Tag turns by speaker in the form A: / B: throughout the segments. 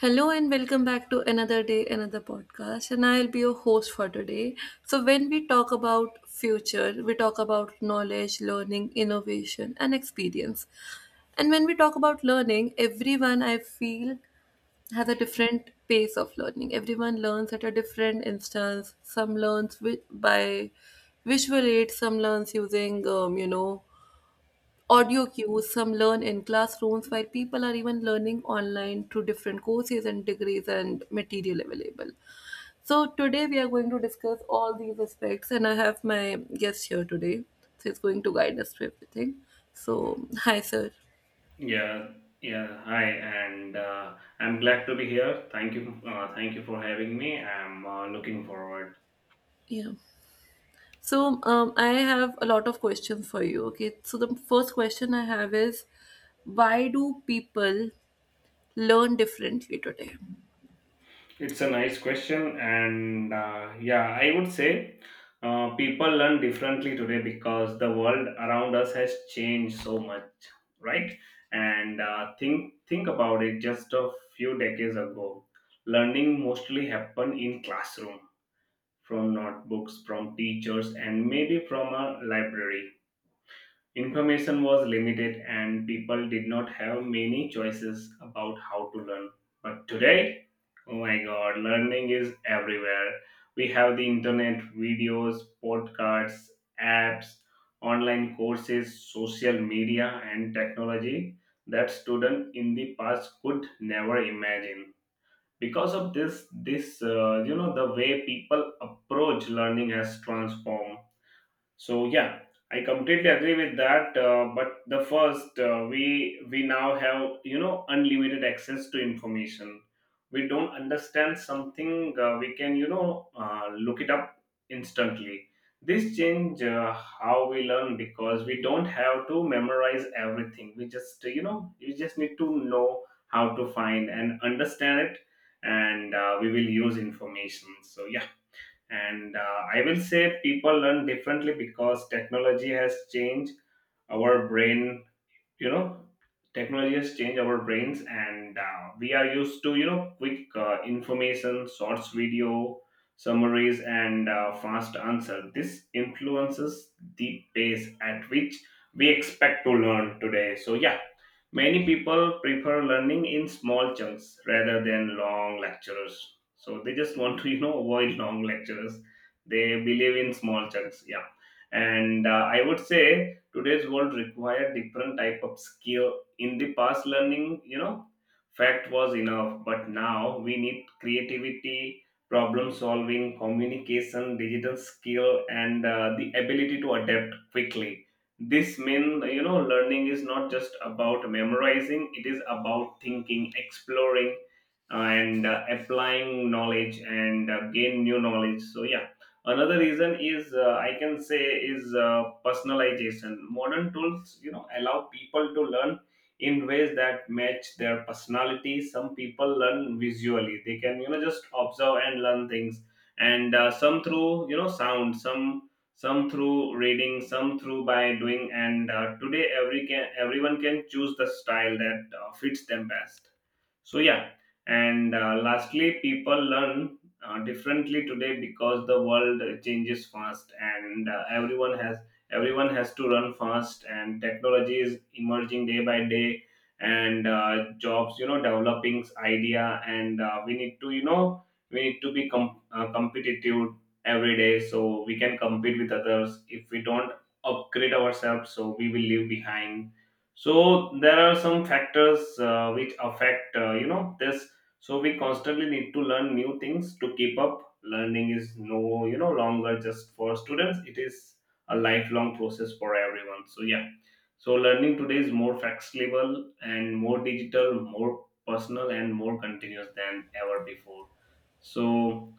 A: Hello and welcome back to another day, another podcast. And I'll be your host for today. So, when we talk about future, we talk about knowledge, learning, innovation, and experience. And when we talk about learning, everyone, I feel, has a different pace of learning. Everyone learns at a different instance. Some learns by visual aid, some learns using, audio cues. Some learn in classrooms, while people are even learning online through different courses and degrees and material available. So today we are going to discuss all these aspects, and I have my guest here today, so he's going to guide us through everything. So hi, sir.
B: Yeah, yeah. Hi, and I'm glad to be here. Thank you for having me. I'm looking forward.
A: Yeah. So I have a lot of questions for you. Okay, so the first question I have is, why do people learn differently today?
B: It's a nice question, and yeah, I would say people learn differently today because the world around us has changed so much, right? And think about it. Just a few decades ago, learning mostly happened in classroom, from notebooks, from teachers, and maybe from a library. Information was limited and people did not have many choices about how to learn. But today, oh my god, learning is everywhere. We have the internet, videos, podcasts, apps, online courses, social media, and technology that student in the past could never imagine. Because of this, the way people approach learning has transformed. So yeah, I completely agree with that. But the first, we now have unlimited access to information. We don't understand something, we can look it up instantly. This change how we learn because we don't have to memorize everything. We just you just need to know how to find and understand it, and we will use information. So yeah, and I will say people learn differently because technology has changed our brain, you know, technology has changed our brains, and we are used to, you know, quick information, shorts video, summaries, and fast answer. This influences the pace at which we expect to learn today. So, yeah, many people prefer learning in small chunks rather than long lectures. So they just want to, you know, avoid long lectures. They believe in small chunks. Yeah. And I would say today's world require different type of skill. In the past learning, you know, fact was enough, but now we need creativity, problem solving, communication, digital skill, and the ability to adapt quickly. This means you know learning is not just about memorizing, it is about thinking, exploring and applying knowledge and gain new knowledge. So yeah, another reason is I can say is personalization. Modern tools you know allow people to learn in ways that match their personality. Some people learn visually, they can you know just observe and learn things, and some through you know sound, some through reading, some through by doing, and today everyone can choose the style that fits them best. So yeah, and lastly, people learn differently today because the world changes fast, and everyone has to run fast, and technology is emerging day by day, and jobs, you know, developing idea, and we need to, you know, we need to be competitive every day so we can compete with others. If we don't upgrade ourselves, so we will leave behind. So there are some factors which affect this. So we constantly need to learn new things to keep up. Learning is no you know longer just for students, it is a lifelong process for everyone. So yeah, so learning today is more flexible and more digital, more personal and more continuous than ever before. So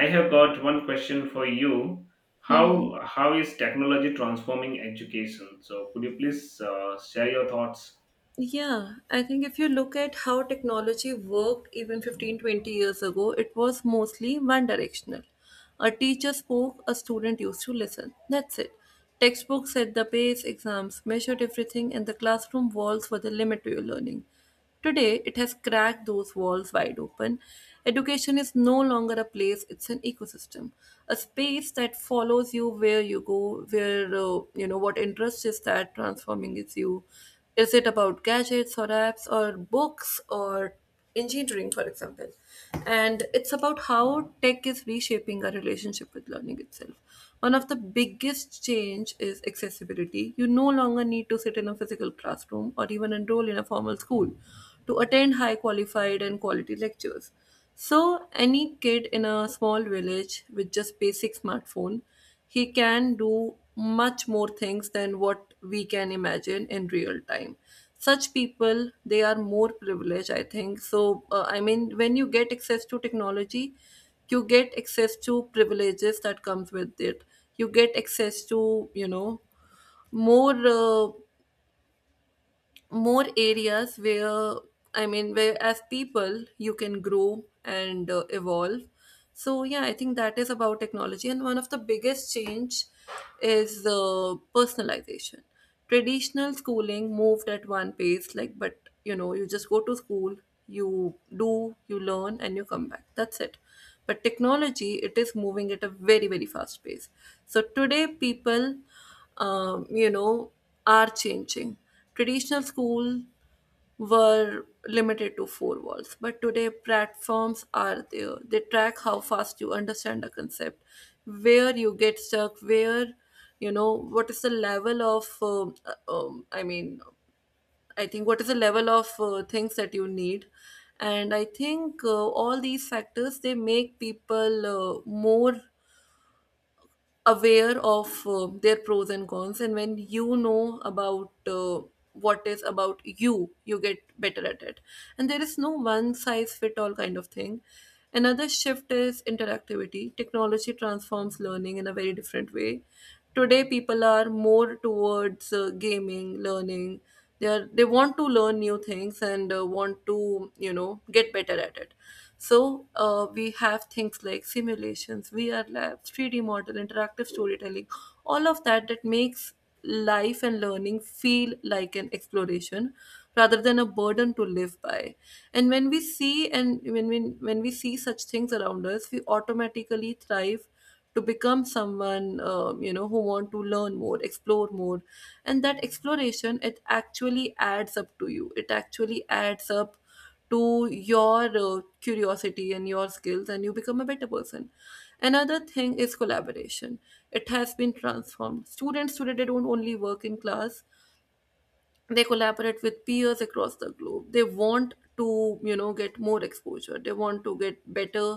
B: I have got one question for you.
A: Hmm. Hmm.
B: How is technology transforming education? So could you please share your thoughts?
A: Yeah, I think if you look at how technology worked even 15, 20 years ago, it was mostly one directional. A teacher spoke, a student used to listen. That's it. Textbooks set the pace, exams measured everything, and the classroom walls were the limit to your learning. Today, it has cracked those walls wide open. Education is no longer a place, it's an ecosystem, a space that follows you where you go, where, you know, what interest is that transforming is you. Is it about gadgets or apps or books or engineering, for example. And it's about how tech is reshaping our relationship with learning itself. One of the biggest change is accessibility. You no longer need to sit in a physical classroom or even enroll in a formal school to attend high qualified and quality lectures. So any kid in a small village with just basic smartphone, he can do much more things than what we can imagine in real time. Such people, they are more privileged, I think. So, I mean, when you get access to technology, you get access to privileges that comes with it. You get access to, you know, more uh, more areas where, I mean, where as people you can grow and evolve. So yeah, I think that is about technology. And one of the biggest change is personalization. Traditional schooling moved at one pace, like, but you know, you just go to school, you do, you learn, and you come back, that's it. But technology, it is moving at a very, very fast pace. So today people, you know, are changing. Traditional school were limited to four walls, but today platforms are there. They track how fast you understand a concept, where you get stuck, where, you know, what is the level of. I mean, I think what is the level of things that you need, and I think all these factors, they make people more aware of their pros and cons. And when you know about what is about you, you get better at it. And there is no one size fit all kind of thing. Another shift is interactivity. Technology transforms learning in a very different way. Today people are more towards gaming learning. They want to learn new things and want to, you know, get better at it. So we have things like simulations, VR labs, 3D model, interactive storytelling, all of that that makes life and learning feel like an exploration rather than a burden to live by. And when we see and when we see such things around us, we automatically thrive to become someone, you know, who want to learn more, explore more. And that exploration, it actually adds up to your curiosity and your skills, and you become a better person. Another thing is collaboration. It has been transformed. Students today, they don't only work in class, they collaborate with peers across the globe. They want to, you know, get more exposure, they want to get better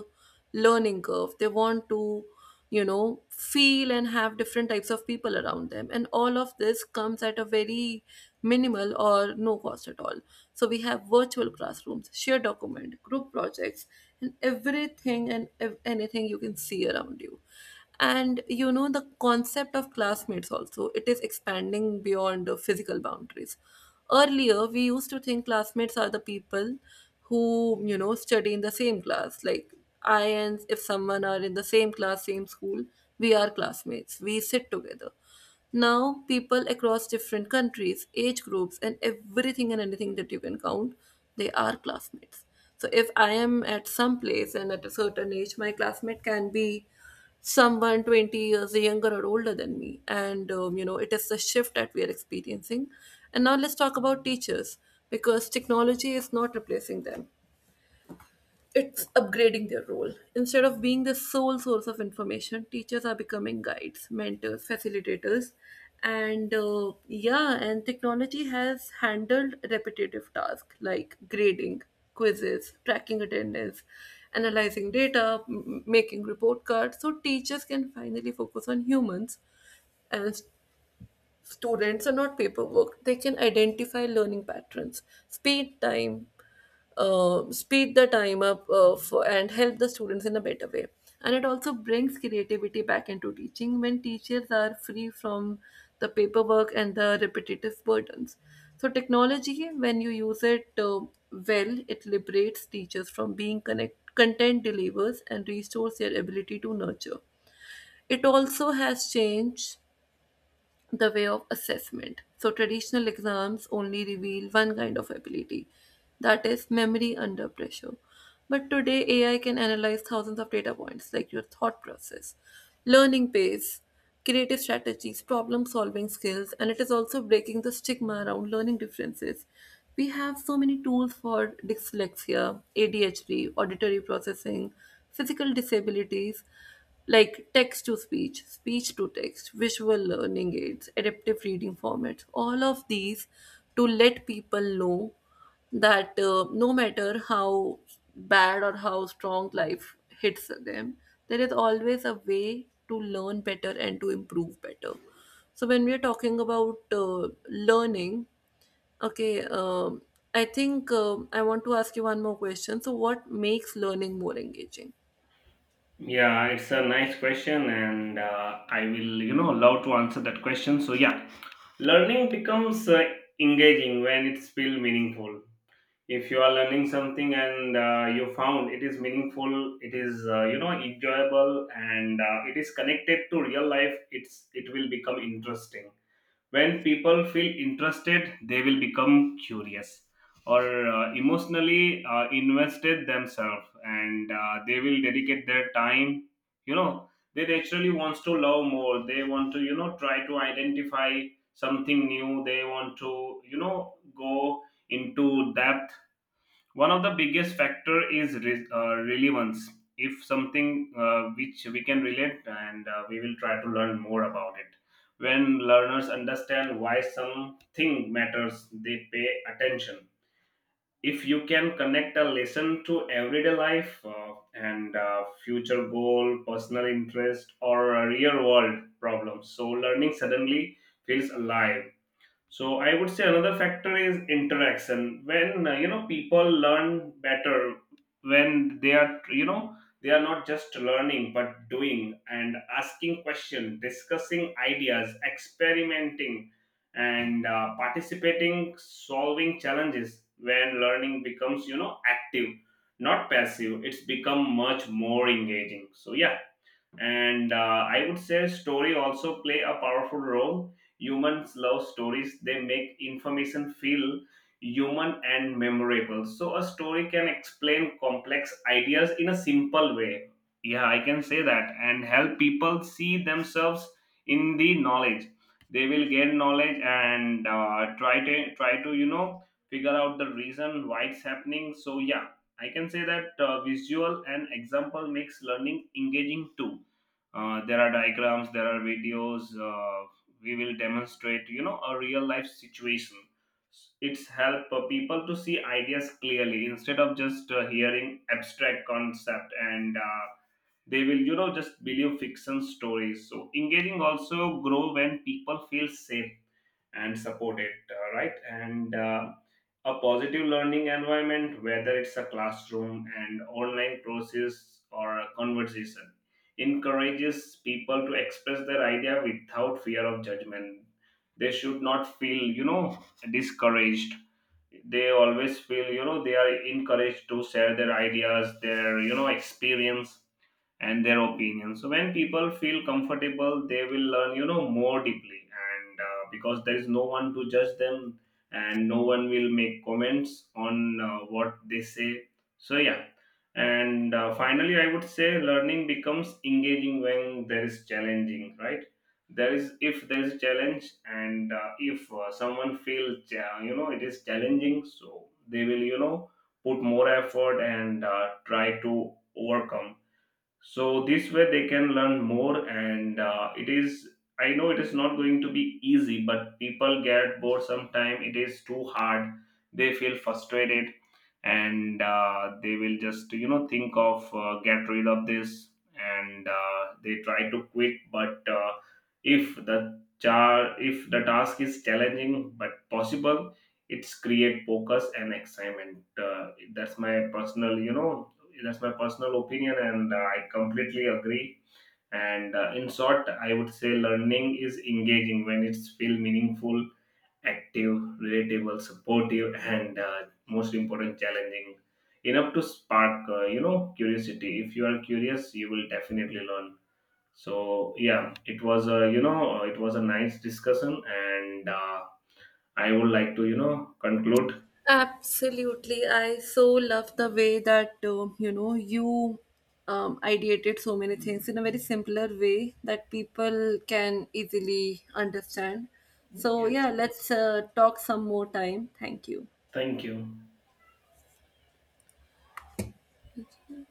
A: learning curve, they want to, you know, feel and have different types of people around them, and all of this comes at a very minimal or no cost at all. So we have virtual classrooms, shared document, group projects, and everything, and anything you can see around you. And you know, the concept of classmates also, it is expanding beyond physical boundaries. Earlier, we used to think classmates are the people who, you know, study in the same class, like, I and if someone are in the same class, same school, we are classmates, we sit together. Now, people across different countries, age groups, and everything and anything that you can count, they are classmates. So if I am at some place and at a certain age, my classmate can be someone 20 years younger or older than me. And you know, it is the shift that we are experiencing. And now let's talk about teachers, because technology is not replacing them, it's upgrading their role. Instead of being the sole source of information, teachers are becoming guides, mentors, facilitators, and yeah, and technology has handled repetitive tasks like grading, quizzes, tracking attendance, analyzing data, making report cards. So teachers can finally focus on humans, and students are not paperwork. They can identify learning patterns, speed time, speed the time up for, and help the students in a better way. And it also brings creativity back into teaching when teachers are free from the paperwork and the repetitive burdens. So, technology, when you use it well, it liberates teachers from being content delivers and restores their ability to nurture. It also has changed the way of assessment. So, traditional exams only reveal one kind of ability, that is memory under pressure. But today, AI can analyze thousands of data points like your thought process, learning pace, creative strategies, problem solving skills. And it is also breaking the stigma around learning differences. We have so many tools for dyslexia, ADHD, auditory processing, physical disabilities, like text to speech, speech to text, visual learning aids, adaptive reading formats, all of these to let people know that no matter how bad or how strong life hits them, there is always a way to learn better and to improve better. So, when we are talking about learning, okay, I think I want to ask you one more question. So, what makes learning more engaging?
B: Yeah, it's a nice question, and I will you know love to answer that question. So yeah, learning becomes engaging when it's feel meaningful. If you are learning something and you found it is meaningful, it is you know enjoyable, and it is connected to real life, it will become interesting. When people feel interested, they will become curious or emotionally invested themselves, and they will dedicate their time, you know. They naturally wants to love more, they want to you know try to identify something new, they want to you know go into depth. One of the biggest factor is relevance. If something which we can relate, and we will try to learn more about it. When learners understand why something matters, they pay attention. If you can connect a lesson to everyday life and future goal, personal interest, or real world problems, so learning suddenly feels alive. So I would say another factor is interaction. When you know people learn better when they are you know they are not just learning but doing, and asking questions, discussing ideas, experimenting, and participating, solving challenges. When learning becomes you know active, not passive, it's become much more engaging. So yeah, and I would say story also play a powerful role. Humans love stories, they make information feel human and memorable. So a story can explain complex ideas in a simple way, yeah, I can say that, and help people see themselves in the knowledge. They will gain knowledge and try to you know figure out the reason why it's happening. So yeah, I can say that visual and example makes learning engaging too. There are diagrams, there are videos. We will demonstrate, you know, a real life situation. It's help people to see ideas clearly instead of just hearing abstract concept, and they will, you know, just believe fiction stories. So engaging also grow when people feel safe and support it, right? And a positive learning environment, whether it's a classroom and online process or a conversation, encourages people to express their idea without fear of judgment. They should not feel, you know, discouraged. They always feel, you know, they are encouraged to share their ideas, their, you know, experience, and their opinions. So when people feel comfortable, they will learn, you know, more deeply, and because there is no one to judge them, and no one will make comments on what they say. So yeah, and finally, I would say learning becomes engaging when there is challenging, right? There is if there is challenge, and if someone feels, you know, it is challenging, so they will, you know, put more effort and try to overcome. So this way they can learn more, and it is, I know it is not going to be easy, but people get bored sometime. It is too hard, they feel frustrated, and they will just you know think of get rid of this, and they try to quit. But if the char if the task is challenging but possible, it's create focus and excitement. That's my personal opinion, and I completely agree. And in short, I would say learning is engaging when it's feel meaningful, active, relatable, supportive, and most important, challenging enough to spark, you know, curiosity. If you are curious, you will definitely learn. So yeah, it was a it was a nice discussion, and I would like to you know conclude.
A: Absolutely. I so love the way that, you know, you, ideated so many things in a very simpler way that people can easily understand. So
B: Yes,
A: yeah, let's talk some more time. Thank you.
B: thank you.